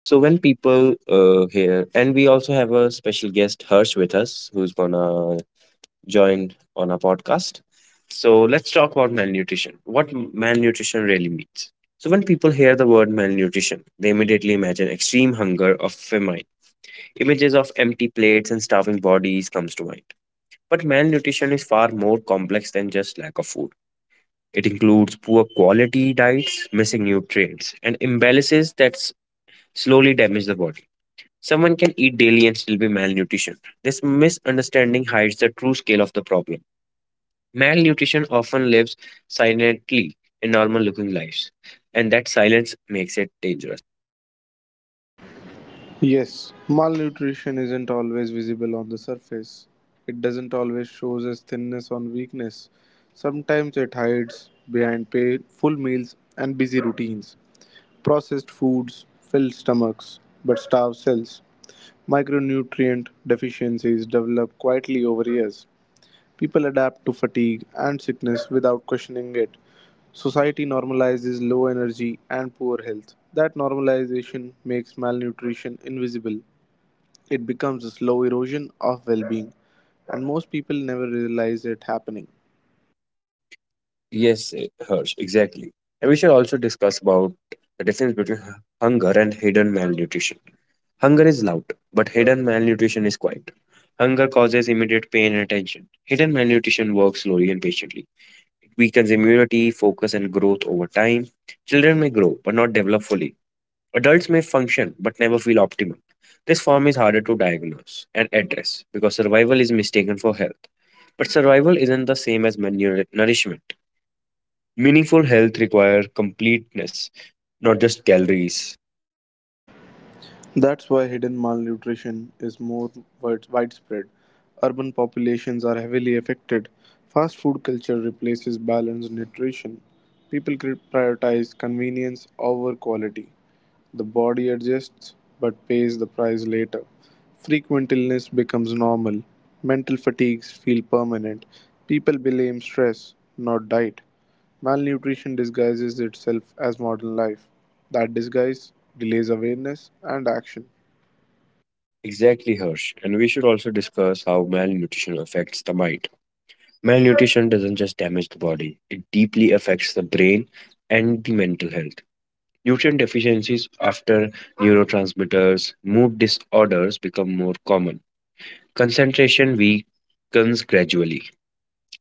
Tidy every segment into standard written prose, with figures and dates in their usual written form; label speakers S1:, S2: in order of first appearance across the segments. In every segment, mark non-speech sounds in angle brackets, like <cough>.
S1: So, when people hear, and we also have a special guest, Harsh, with us, who's gonna join on our podcast. So, let's talk about malnutrition. What malnutrition really means. So, when people hear the word malnutrition, they immediately imagine extreme hunger or famine. Images of empty plates and starving bodies comes to mind. But malnutrition is far more complex than just lack of food. It includes poor quality diets, missing nutrients, and imbalances that slowly damage the body. Someone can eat daily and still be malnutrition. This misunderstanding hides the true scale of the problem. Malnutrition often lives silently in normal looking lives, and that silence makes it dangerous.
S2: Yes, malnutrition isn't always visible on the surface. It doesn't always shows as thinness or weakness. Sometimes it hides behind full meals and busy routines. Processed foods fill stomachs but starve cells. Micronutrient deficiencies develop quietly over years. People adapt to fatigue and sickness without questioning it. Society normalizes low energy and poor health. That normalization makes malnutrition invisible it becomes a slow erosion of well being, and most people never realize it happening.
S1: Yes, Harsh, exactly. And we should also discuss about the difference between hunger and hidden malnutrition. Hunger is loud, but hidden malnutrition is quiet. Hunger causes immediate pain and attention. Hidden malnutrition works slowly and patiently. It weakens immunity, focus, and growth over time. Children may grow, but not develop fully. Adults may function, but never feel optimal. This form is harder to diagnose and address because survival is mistaken for health. But survival isn't the same as nourishment. Meaningful health requires completeness, not just calories.
S2: That's why hidden malnutrition is more widespread. Urban populations are heavily affected. Fast food culture replaces balanced nutrition. Prioritize convenience over quality. The body adjusts but pays the price later. Frequent illness becomes normal. Mental fatigues feel permanent. People blame stress, not diet. Malnutrition disguises itself as modern life. That disguise delays awareness and action.
S1: Exactly, Hirsch. And we should also discuss how malnutrition affects the mind. Malnutrition doesn't just damage the body, it deeply affects the brain and the mental health. Nutrient deficiencies after neurotransmitters, mood disorders become more common. Concentration weakens gradually.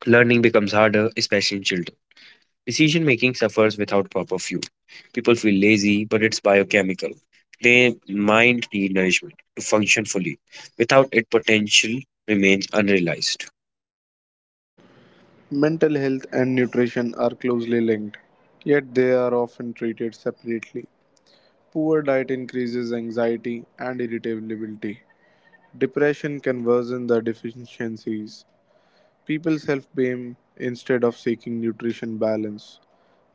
S1: Learning becomes harder, especially in children. Decision making suffers without proper fuel. People feel lazy, but it's biochemical. Their mind need nourishment to function fully. Without it, potential remains unrealized.
S2: Mental health and nutrition are closely linked, yet they are often treated separately. Poor diet increases anxiety and irritability. Depression can worsen the deficiencies. People self blame instead of seeking nutrition balance.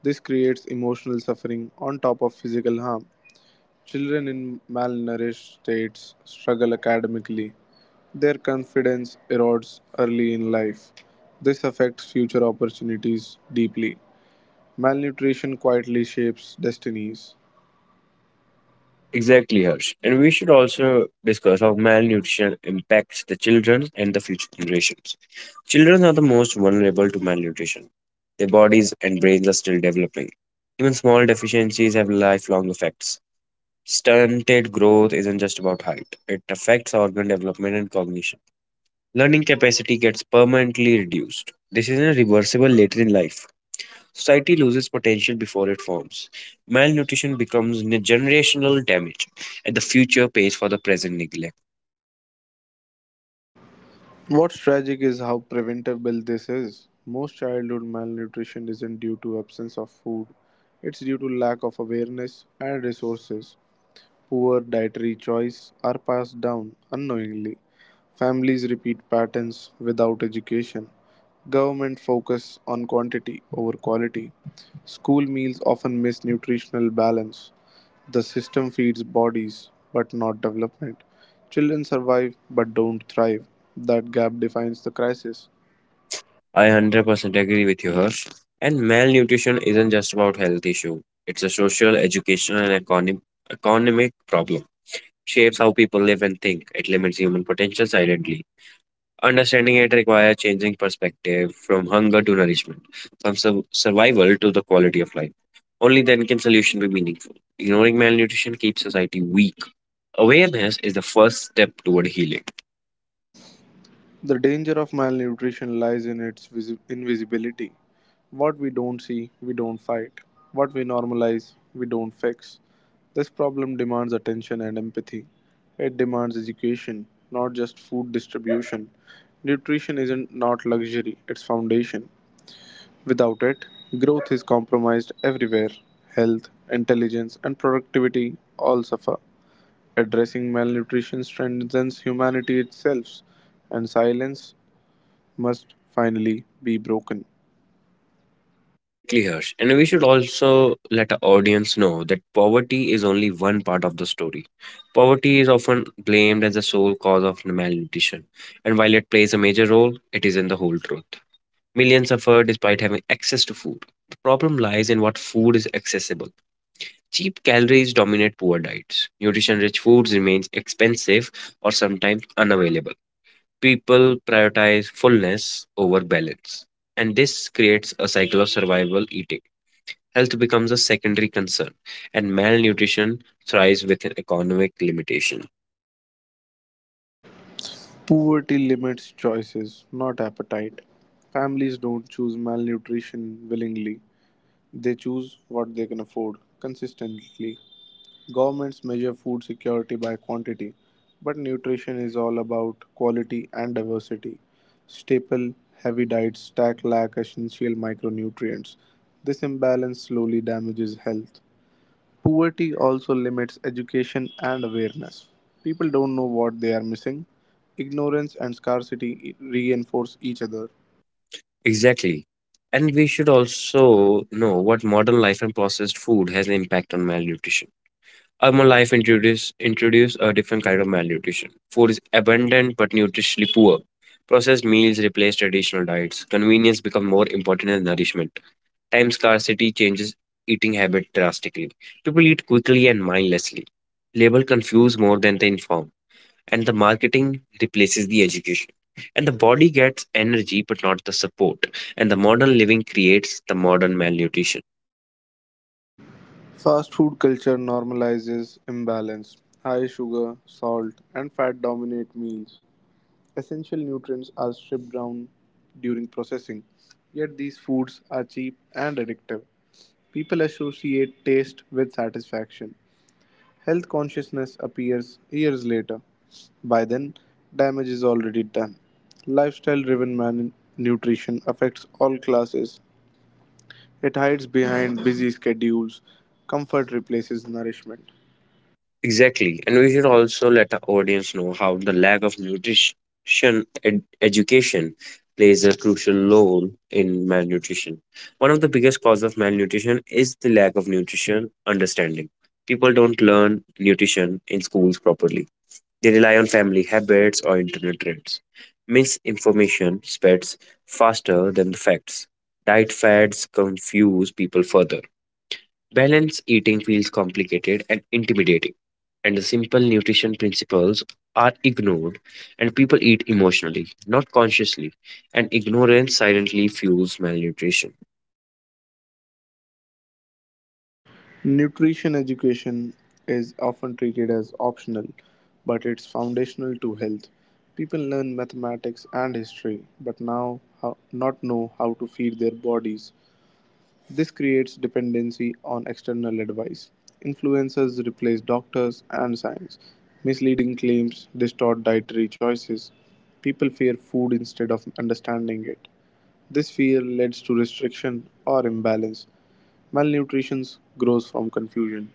S2: This creates emotional suffering on top of physical harm. Children in malnourished states struggle academically. Their confidence erodes early in life. This affects future opportunities deeply. Malnutrition quietly shapes destinies.
S1: Exactly, Harsh. And we should also discuss how malnutrition impacts the children and the future generations. Children are the most vulnerable to malnutrition. Their bodies and brains are still developing. Even small deficiencies have lifelong effects. Stunted growth isn't just about height, it affects organ development and cognition. Learning capacity gets permanently reduced. This is irreversible later in life. Society loses potential before it forms. Malnutrition becomes generational damage, and the future pays for the present neglect.
S2: What's tragic is how preventable this is. Most childhood malnutrition isn't due to absence of food. It's due to lack of awareness and resources. Poor dietary choice are passed down unknowingly. Families repeat patterns without education. Government focus on quantity over quality. School meals often miss nutritional balance. The system feeds bodies but not development. Children survive but don't thrive. That gap defines the crisis.
S1: I 100% agree with you, Harsh. And malnutrition isn't just about health issue. It's a social, educational, and economic problem. Shapes how people live and think. It limits human potential silently. Understanding it requires changing perspective from hunger to nourishment, from survival to the quality of life. Only then can solution be meaningful. Ignoring malnutrition keeps society weak. Awareness is the first step toward healing.
S2: The danger of malnutrition lies in its invisibility. What we don't see, we don't fight. What we normalize, we don't fix. This problem demands attention and empathy. It demands education, not just food distribution. Nutrition isn't not luxury, it's foundation. Without it, growth is compromised everywhere. Health, intelligence, and productivity all suffer. Addressing malnutrition strengthens humanity itself, and silence must finally be broken.
S1: Exactly, Harsh. And we should also let our audience know that poverty is only one part of the story. Poverty is often blamed as the sole cause of malnutrition, and while it plays a major role, it isn't the whole truth. Millions suffer despite having access to food. The problem lies in what food is accessible. Cheap calories dominate poor diets. Nutrition-rich foods remains expensive or sometimes unavailable. People prioritize fullness over balance, and this creates a cycle of survival eating. Health becomes a secondary concern, and malnutrition thrives within economic limitation.
S2: Poverty limits choices, not appetite. Families don't choose malnutrition willingly, they choose what they can afford consistently. Governments measure food security by quantity, but nutrition is all about quality and diversity. Staple heavy diets stack lack essential micronutrients. This imbalance slowly damages health. Poverty also limits education and awareness. People don't know what they are missing. Ignorance and scarcity reinforce each other.
S1: Exactly. And we should also know what modern life and processed food has an impact on malnutrition. Urban life introduce a different kind of malnutrition. Food is abundant but nutritionally poor. Processed meals replace traditional diets. Convenience become more important than nourishment. Time scarcity changes eating habit drastically. People eat quickly and mindlessly. Label confuse more than they inform, and the marketing replaces the education. And the body gets energy but not the support. And the modern living creates the modern malnutrition.
S2: Fast food culture normalizes imbalance. High sugar, salt, and fat dominate meals. Essential nutrients are stripped down during processing. Yet these foods are cheap and addictive. People associate taste with satisfaction. Health consciousness appears years later. By then, damage is already done. Lifestyle driven malnutrition affects all classes. It hides behind busy schedules. Comfort replaces nourishment.
S1: Exactly. And we should also let our audience know how the lack of nutrition education plays a crucial role in malnutrition. One of the biggest causes of malnutrition is the lack of nutrition understanding. People don't learn nutrition in schools properly. They rely on family habits or internet trends. Misinformation spreads faster than the facts. Diet fads confuse people further. Balanced eating feels complicated and intimidating, and the simple nutrition principles are ignored, and people eat emotionally, not consciously, and ignorance silently fuels malnutrition.
S2: Nutrition education is often treated as optional, but it's foundational to health. People learn mathematics and history, but not know how to feed their bodies. This creates dependency on external advice. Influencers replace doctors and science. Misleading claims distort dietary choices. People fear food instead of understanding it. This fear leads to restriction or imbalance. Malnutrition grows from confusion.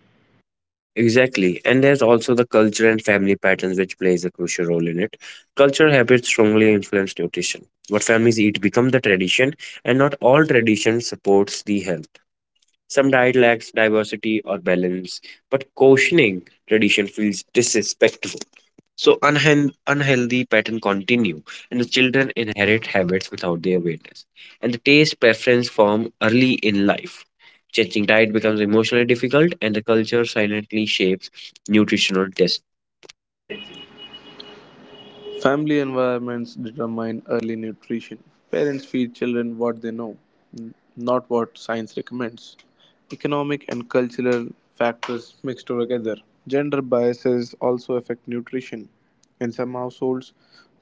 S1: Exactly, and there's also the culture and family patterns which plays a crucial role in it. Cultural habits strongly influence nutrition. What families eat become the tradition, and not all tradition supports the health. Some diet lacks diversity or balance, but cautioning tradition feels disrespectful. So unhealthy pattern continue, and the children inherit habits without their awareness. And the taste preference form early in life. Changing diet becomes emotionally difficult, and the culture silently shapes nutritional taste.
S2: Family environments determine early nutrition. Parents feed children what they know, not what science recommends. Economic and cultural factors mix together. Gender biases also affect nutrition. In some households,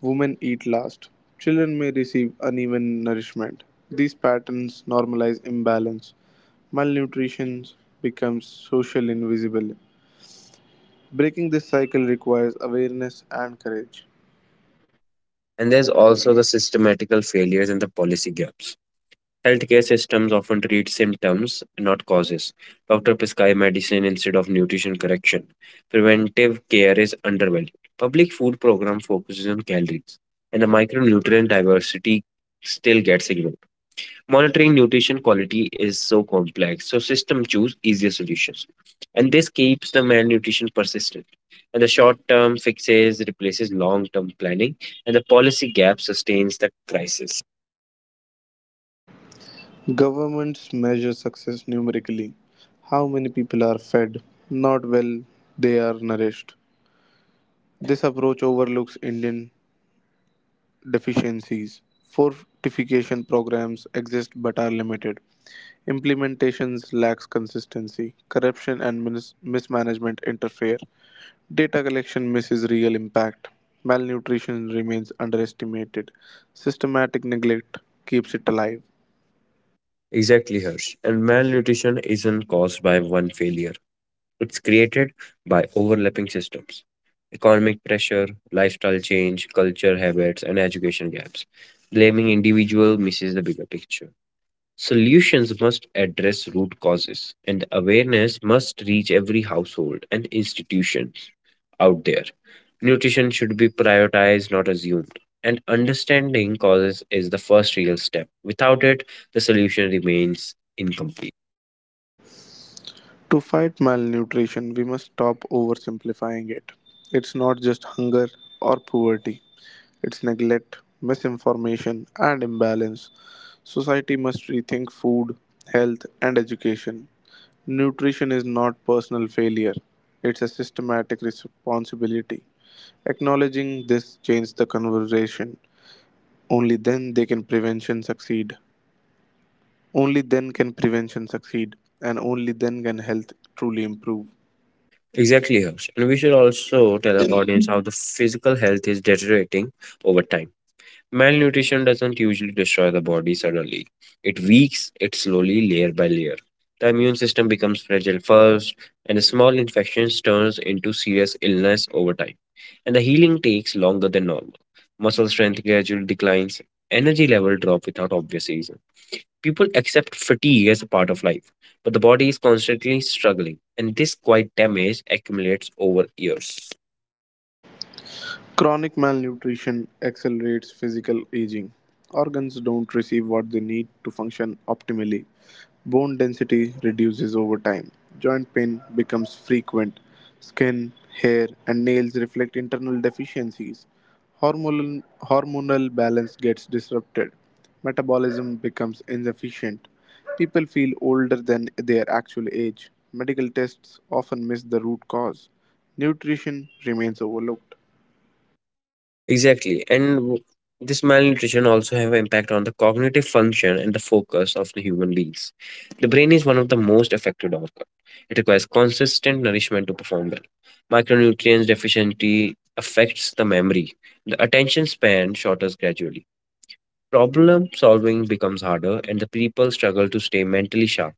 S2: women eat last. Children may receive uneven nourishment. These patterns normalize imbalance. Malnutrition becomes social invisible. Breaking this cycle requires awareness and courage.
S1: And there's also the systematical failures and the policy gaps. Healthcare systems often treat symptoms, not causes. Doctors prescribe medicine instead of nutrition correction. Preventive care is undervalued. Public food program focuses on calories, and the micronutrient diversity still gets ignored. Monitoring nutrition quality is so complex, so systems choose easier solutions, and this keeps the malnutrition persistent. And the short-term fixes replaces long-term planning, and the policy gap sustains the crisis.
S2: Governments measure success numerically how many people are fed, not well they are nourished. This approach overlooks Indian deficiencies. Fortification programs exist but are limited. Implementations lacks consistency. Corruption and mismanagement interfere. Data collection misses real impact. Malnutrition remains underestimated. Systematic neglect keeps it alive.
S1: Exactly, Harsh. And malnutrition isn't caused by one failure, it's created by overlapping systems economic pressure, lifestyle change, culture habits, and education gaps. Blaming individual misses the bigger picture. Solutions must address root causes, and awareness must reach every household and institution out there. Nutrition should be prioritized, not assumed. And understanding causes is the first real step. Without it, the solution remains incomplete.
S2: To fight malnutrition, we must stop oversimplifying it. It's not just hunger or poverty, it's neglect, misinformation, and imbalance. Society must rethink food, health, and education. Nutrition is not personal failure, it's a systematic responsibility. Acknowledging this changes the conversation. Only then they can prevention succeed. Only then can prevention succeed, and only then can health truly improve.
S1: Exactly, Harsh. And we should also tell our audience how the physical health is deteriorating over time. Malnutrition doesn't usually destroy the body suddenly. It weaks it slowly layer by layer. The immune system becomes fragile first, and small infections turns into serious illness over time. And the healing takes longer than normal. Muscle strength gradually declines, energy level drop without obvious reason. People accept fatigue as a part of life, but the body is constantly struggling, and this quiet damage accumulates over years.
S2: Chronic malnutrition accelerates physical aging. Organs don't receive what they need to function optimally. Bone density reduces over time. Joint pain becomes frequent. Skin, hair, and nails reflect internal deficiencies. Hormonal balance gets disrupted. Metabolism becomes insufficient. People feel older than their actual age. Medical tests often miss the root cause. Nutrition remains overlooked.
S1: Exactly. And this malnutrition also have an impact on the cognitive function and the focus of the human beings. The brain is one of the most affected organ. It requires consistent nourishment to perform well. Micronutrients deficiency affects the memory. The attention span shortens gradually. Problem solving becomes harder and the people struggle to stay mentally sharp.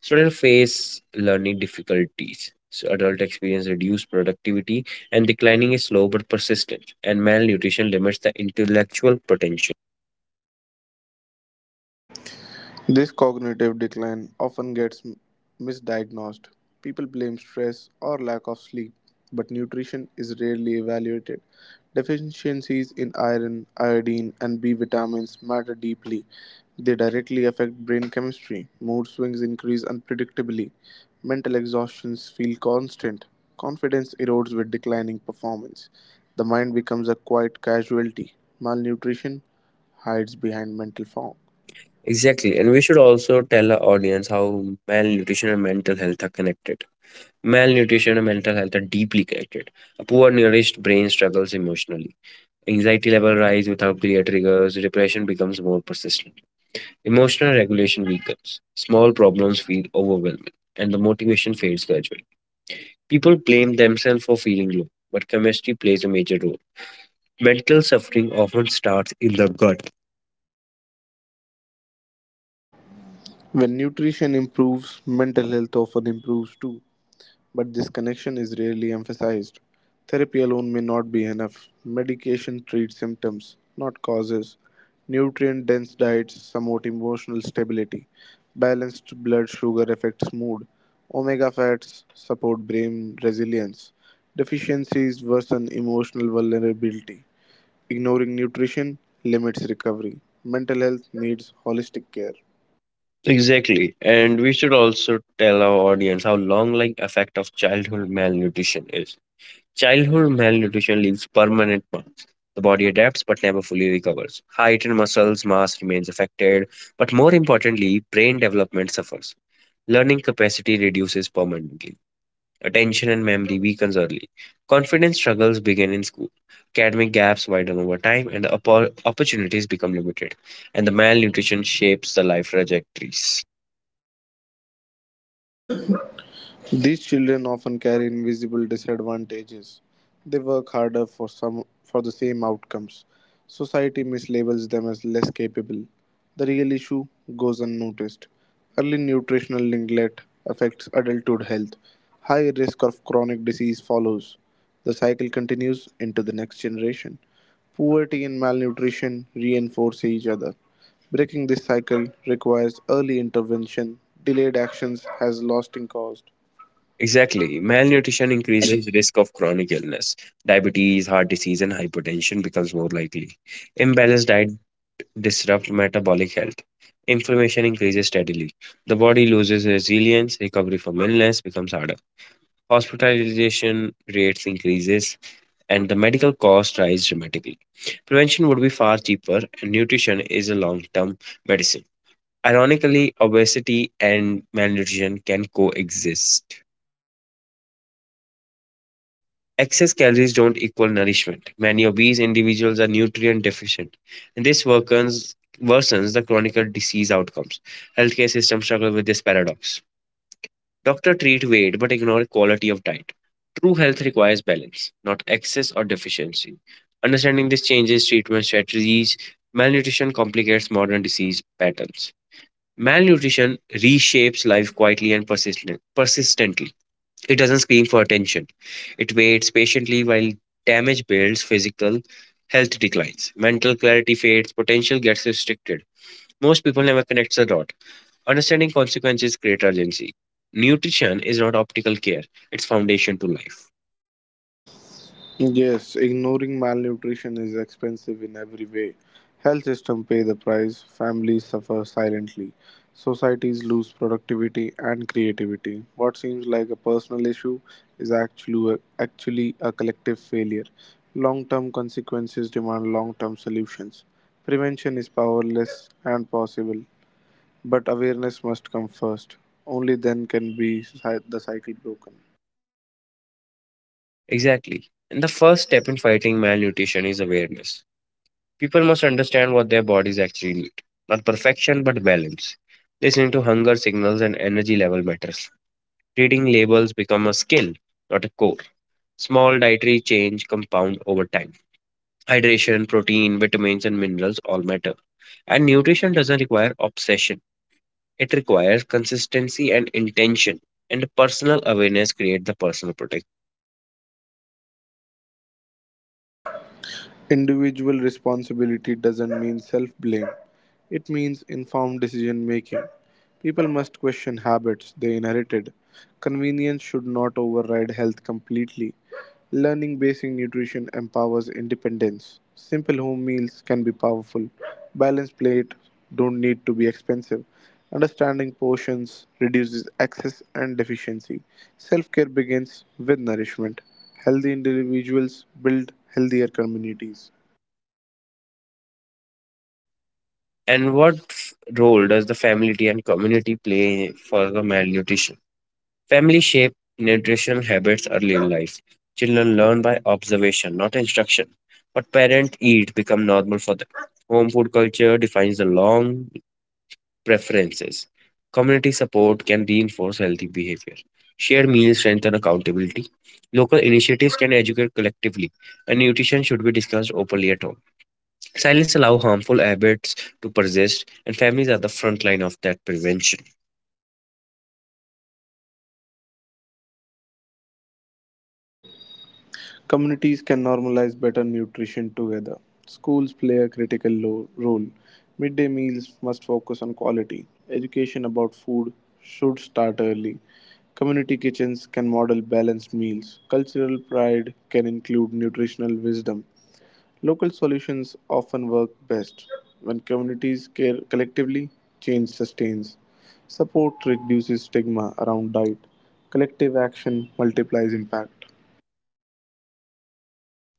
S1: Students face learning difficulties. So adult experience reduced productivity and declining is slow but persistent, and malnutrition limits the intellectual potential.
S2: This cognitive decline often misdiagnosed. People blame stress or lack of sleep, but nutrition is rarely evaluated. Deficiencies in iron, iodine, and B vitamins matter deeply. They directly affect brain chemistry. Mood swings increase unpredictably. Mental exhaustions feel constant. Confidence erodes with declining performance. The mind becomes a quiet casualty. Malnutrition hides behind mental fog.
S1: Exactly, and we should also tell our audience how malnutrition and mental health are connected. Malnutrition and mental health are deeply connected. A poor nourished brain struggles emotionally. Anxiety level rise without clear triggers. Depression becomes more persistent. Emotional regulation weakens. Small problems feel overwhelming, and the motivation fades gradually. People blame themselves for feeling low, but chemistry plays a major role. Mental suffering often starts in the gut.
S2: When nutrition improves, mental health often improves too, but this connection is rarely emphasized. Therapy alone may not be enough. Medication treats symptoms, not causes. Nutrient dense diets promote emotional stability. Balanced blood sugar affects mood. Omega fats support brain resilience. Deficiencies worsen emotional vulnerability. Ignoring nutrition limits recovery. Mental health needs holistic care.
S1: Exactly. And we should also tell our audience how long lasting effect of childhood malnutrition is. Childhood malnutrition leaves permanent marks. The body adapts but never fully recovers. Height and muscles mass remains affected, but more importantly, brain development suffers. Learning capacity reduces permanently. Attention and memory weakens early. Confidence struggles begin in school. Academic gaps widen over time, and the opportunities become limited. And the malnutrition shapes the life trajectories.
S2: These children often carry invisible disadvantages. They work harder for the same outcomes. Society mislabels them as less capable. The real issue goes unnoticed. Early nutritional neglect affects adulthood health. High risk of chronic disease follows. The cycle continues into the next generation. Poverty and malnutrition reinforce each other. Breaking this cycle requires early intervention. Delayed actions has lasting cost.
S1: Exactly. Malnutrition increases risk of chronic illness. Diabetes, heart disease, and hypertension becomes more likely. Imbalanced diet disrupts metabolic health. Inflammation increases steadily. The body loses resilience. Recovery from illness becomes harder. Hospitalization rates increases and the medical costs rise dramatically. Prevention would be far cheaper and nutrition is a long-term medicine. Ironically, obesity and malnutrition can coexist. Excess calories don't equal nourishment. Many obese individuals are nutrient deficient, and this worsens the chronic disease outcomes. Healthcare systems struggle with this paradox. Doctor treat weight but ignore quality of diet. True health requires balance, not excess or deficiency. Understanding this changes, treatment strategies, malnutrition complicates modern disease patterns. Malnutrition reshapes life quietly and persistently. It doesn't scream for attention. It waits patiently while damage builds, physical health declines, mental clarity fades, potential gets restricted. Most people never connect the dot. Understanding consequences create urgency. Nutrition is not optical care, it's foundation to life.
S2: Yes, ignoring malnutrition is expensive in every way. Health system pay the price, families suffer silently, societies lose productivity and creativity. What seems like a personal issue is actually a collective failure. Long-term consequences demand long-term solutions. Prevention is powerless and possible, but awareness must come first. Only then can the cycle broken.
S1: Exactly. And the first step in fighting malnutrition is awareness. People must understand what their bodies actually need. Not perfection, but balance. Listening to hunger signals and energy level matters. Reading labels become a skill, not a core. Small dietary change compound over time. Hydration, protein, vitamins, and minerals all matter. And nutrition doesn't require obsession. It requires consistency and intention, and personal awareness create the personal protect.
S2: Individual responsibility doesn't mean self blame. It means informed decision making. People must question habits they inherited. Convenience should not override health completely. Learning basic nutrition empowers independence. Simple home meals can be powerful. Balanced plates don't need to be expensive. Understanding portions reduces excess and deficiency. Self care begins with nourishment. Healthy individuals build healthier communities.
S1: And what role does the family and community play for the malnutrition? Family shape nutrition habits early in life. Children learn by observation, not instruction. What parents eat become normal for them. Home food culture defines the long preferences. Community support can reinforce healthy behavior. Shared meals strengthen accountability. Local initiatives can educate collectively, and nutrition should be discussed openly at home. Silence allows harmful habits to persist, and families are the front line of that prevention.
S2: Communities can normalize better nutrition together. Schools play a critical role. Midday meals must focus on quality. Education about food should start early. Community kitchens can model balanced meals. Cultural pride can include nutritional wisdom. Local solutions often work best. When communities care collectively, change sustains. Support reduces stigma around diet. Collective action multiplies impact.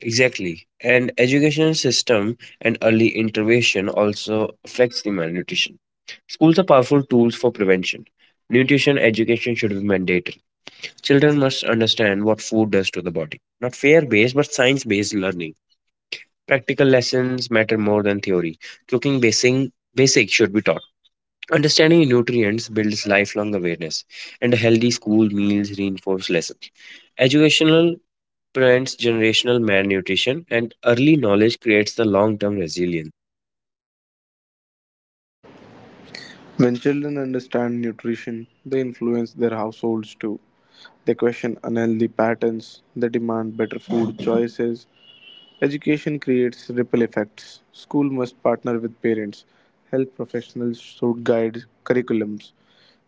S1: Exactly. And education system and early intervention also affects the malnutrition. Schools are powerful tools for prevention. Nutrition education should be mandatory. Children must understand what food does to the body. Not fear based, but science based learning. Practical lessons matter more than theory. Basic should be taught. Understanding nutrients builds lifelong awareness, and healthy school meals reinforce lessons. Educational prevents generational malnutrition, and early knowledge creates the long term resilience.
S2: When children understand nutrition, they influence their households too. They question unhealthy patterns, they demand better food choices. Education creates ripple effects. School must partner with parents. Health professionals should guide curriculums.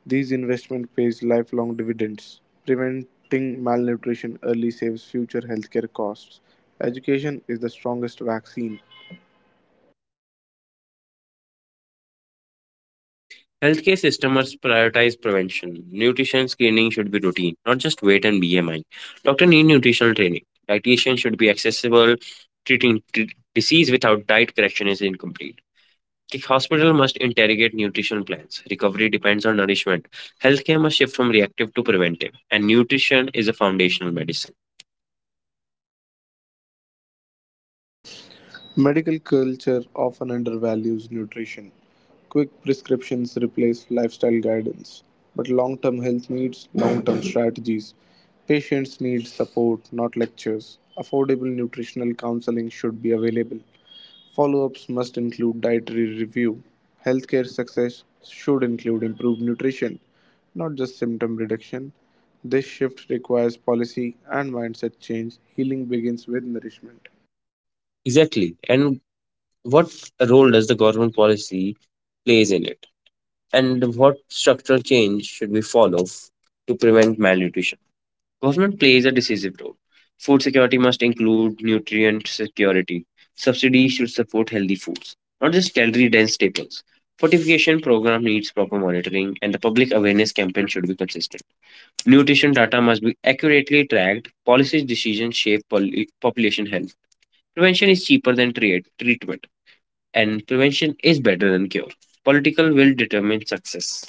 S2: These investment pays lifelong dividends. Preventing malnutrition early saves future healthcare costs. Education is the strongest vaccine.
S1: Healthcare system must prioritize prevention. Nutrition screening should be routine, not just weight and BMI. Doctor need nutritional training. Dietitian should be accessible. Treating disease without diet correction is incomplete. The hospital must interrogate nutritional plans. Recovery depends on nourishment. Healthcare must shift from reactive to preventive, and nutrition is a foundational medicine.
S2: Medical culture often undervalues nutrition. Quick prescriptions replace lifestyle guidance, but long term health needs long term <coughs> strategies. Patients need support, not lectures. Affordable nutritional counseling should be available. Follow ups must include dietary review. Healthcare success should include improved nutrition, not just symptom reduction. This shift requires policy and mindset change. Healing begins with nourishment.
S1: Exactly. And what role does the government policy plays in it? And what structural change should we follow to prevent malnutrition? Government plays a decisive role. Food security must include nutrient security. Subsidies should support healthy foods, not just calorie dense staples. Fortification program needs proper monitoring and the public awareness campaign should be consistent. Nutrition data must be accurately tracked. Policy decisions shape population health. Prevention is cheaper than treatment and prevention is better than cure. Political will determine success.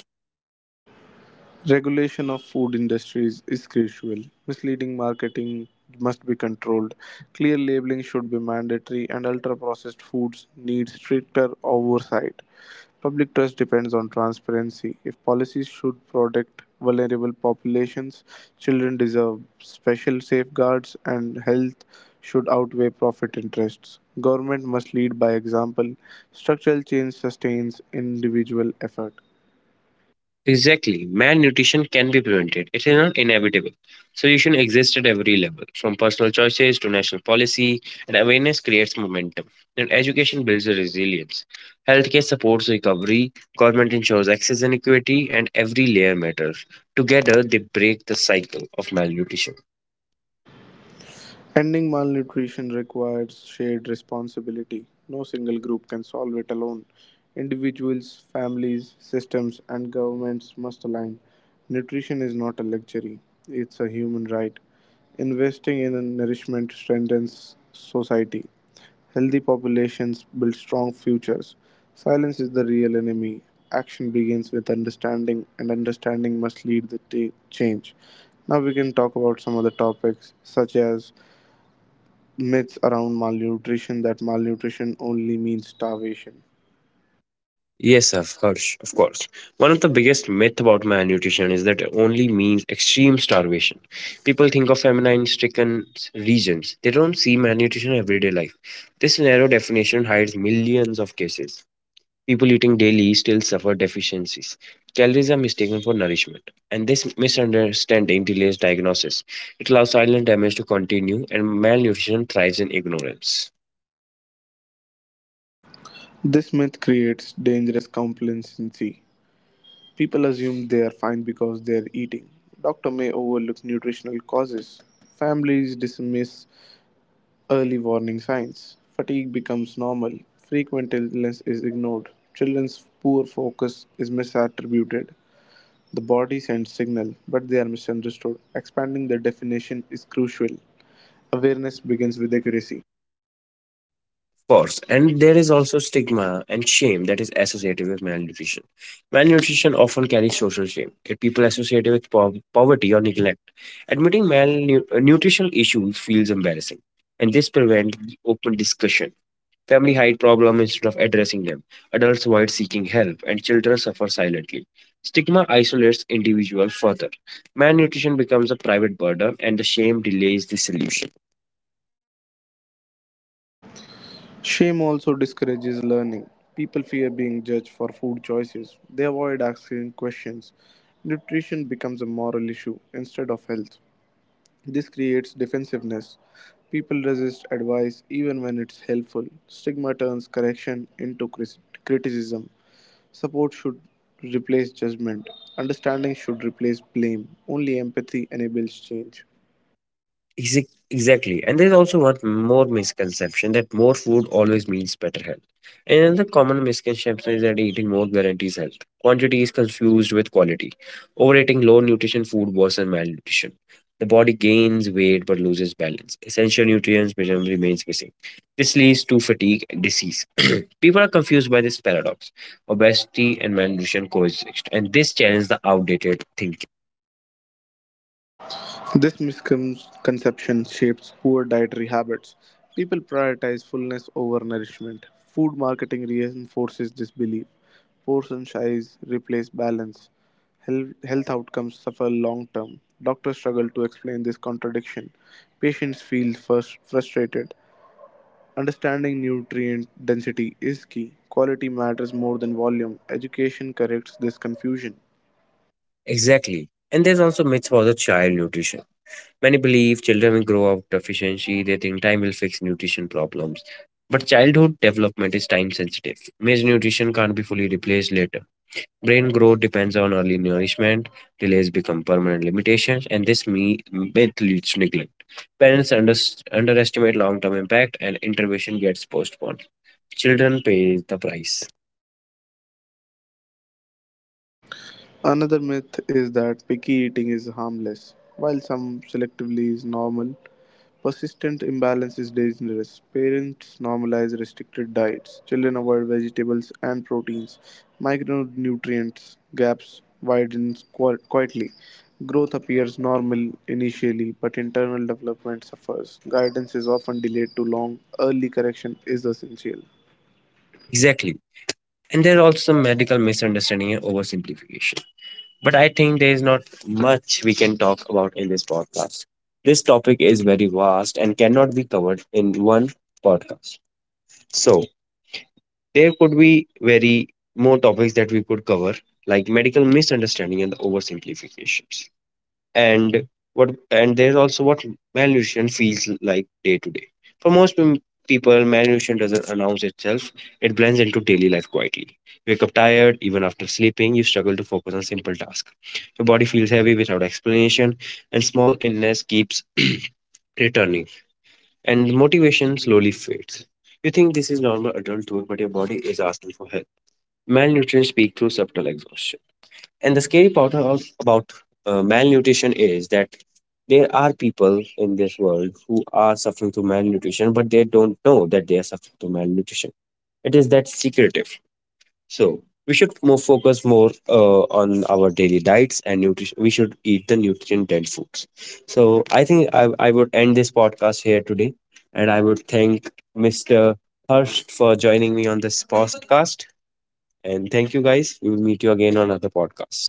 S2: Regulation of food industries is crucial. Misleading marketing must be controlled. Clear labeling should be mandatory and ultra-processed foods need stricter oversight. Public trust depends on transparency. If policies should protect vulnerable populations, children deserve special safeguards and health should outweigh profit interests. Government must lead by example. Structural change sustains individual effort.
S1: Exactly. Malnutrition can be prevented. It is not inevitable. Solution exists at every level, from personal choices to national policy, and awareness creates momentum. And education builds the resilience. Healthcare supports recovery, government ensures access and equity, and every layer matters. Together, they break the cycle of malnutrition.
S2: Ending malnutrition requires shared responsibility. No single group can solve it alone. Individuals, families, systems, and governments must align. Nutrition is not a luxury, it's a human right. Investing in nourishment strengthens society. Healthy populations build strong futures. Silence is the real enemy. Action begins with understanding, and understanding must lead change. Now we can talk about some other topics such as myths around malnutrition that malnutrition only means starvation.
S1: Yes, of course, of course. One of the biggest myth about malnutrition is that it only means extreme starvation. People think of famine-stricken regions. They don't see malnutrition in everyday life. This narrow definition hides millions of cases. People eating daily still suffer deficiencies. Calories are mistaken for nourishment, and this misunderstanding delays diagnosis. It allows silent damage to continue, and malnutrition thrives in ignorance.
S2: This myth creates dangerous complacency. People assume they are fine because they are eating. Doctor may overlook nutritional causes. Families dismiss early warning signs. Fatigue becomes normal. Frequent illness is ignored. Children's poor focus is misattributed. The body sends signal, but they are misunderstood. Expanding the definition is crucial. Awareness begins with accuracy.
S1: Course, and there is also stigma and shame that is associated with malnutrition. Malnutrition often carries social shame. It people associated with poverty or neglect. Admitting malnutritional issues feels embarrassing, and this prevents open discussion. Family hide problem instead of addressing them. Adults avoid seeking help, and children suffer silently. Stigma isolates individuals further. Malnutrition becomes a private burden, and the shame delays the solution.
S2: Shame also discourages learning. People fear being judged for food choices. They avoid asking questions. Nutrition becomes a moral issue instead of health. This creates defensiveness. People resist advice even when it's helpful. Stigma turns correction into criticism. Support should replace judgment. Understanding should replace blame. Only empathy enables change.
S1: Exactly. And there's also one more misconception that more food always means better health. Another common misconception is that eating more guarantees health. Quantity is confused with quality. Overeating low nutrition food worsens malnutrition. The body gains weight but loses balance. Essential nutrients become remains missing. This leads to fatigue and disease. <clears throat> People are confused by this paradox. Obesity and malnutrition coexist, and this challenges the outdated thinking.
S2: This misconception shapes poor dietary habits. People prioritize fullness over nourishment. Food marketing reinforces this belief. Portion size replace balance. Health outcomes suffer long term. Doctors struggle to explain this contradiction. Patients feel first frustrated. Understanding nutrient density is key. Quality matters more than volume. Education corrects this confusion.
S1: Exactly. And there's also myths for the child nutrition. Many believe children will grow up deficiency, they think time will fix nutrition problems. But childhood development is time sensitive. Malnutrition can't be fully replaced later. Brain growth depends on early nourishment, delays become permanent limitations, and this myth leads to neglect. Parents underestimate long term impact, and intervention gets postponed. Children pay the price.
S2: Another myth is that picky eating is harmless. While some selectively is normal, persistent imbalance is dangerous. Parents normalize restricted diets. Children avoid vegetables and proteins. Micronutrients gaps quietly. Growth appears normal initially, but internal development suffers. Guidance is often delayed too long. Early correction is essential.
S1: Exactly. And there are also some medical misunderstanding and oversimplification. But I think there is not much we can talk about in this podcast. This topic is very vast and cannot be covered in one podcast. So, there could be very more topics that we could cover, like medical misunderstanding and the oversimplifications, and what, and there's also what malnutrition feels like day to day. For most people, malnutrition doesn't announce itself. It blends into daily life quietly. You wake up tired even after sleeping. You struggle to focus on simple tasks. Your body feels heavy without explanation, and small illness keeps <clears throat> returning, and motivation slowly fades. You think this is normal adulthood, but your body is asking for help. Malnutrition speaks through subtle exhaustion. And the scary part about malnutrition is that there are people in this world who are suffering through malnutrition, but they don't know that they are suffering through malnutrition. It is that secretive. So we should more focus more on our daily diets and nutrition. We should eat the nutrient-dense foods. So I think I would end this podcast here today, and I would thank Mr. Hurst for joining me on this podcast. And thank you guys. We will meet you again on another podcast.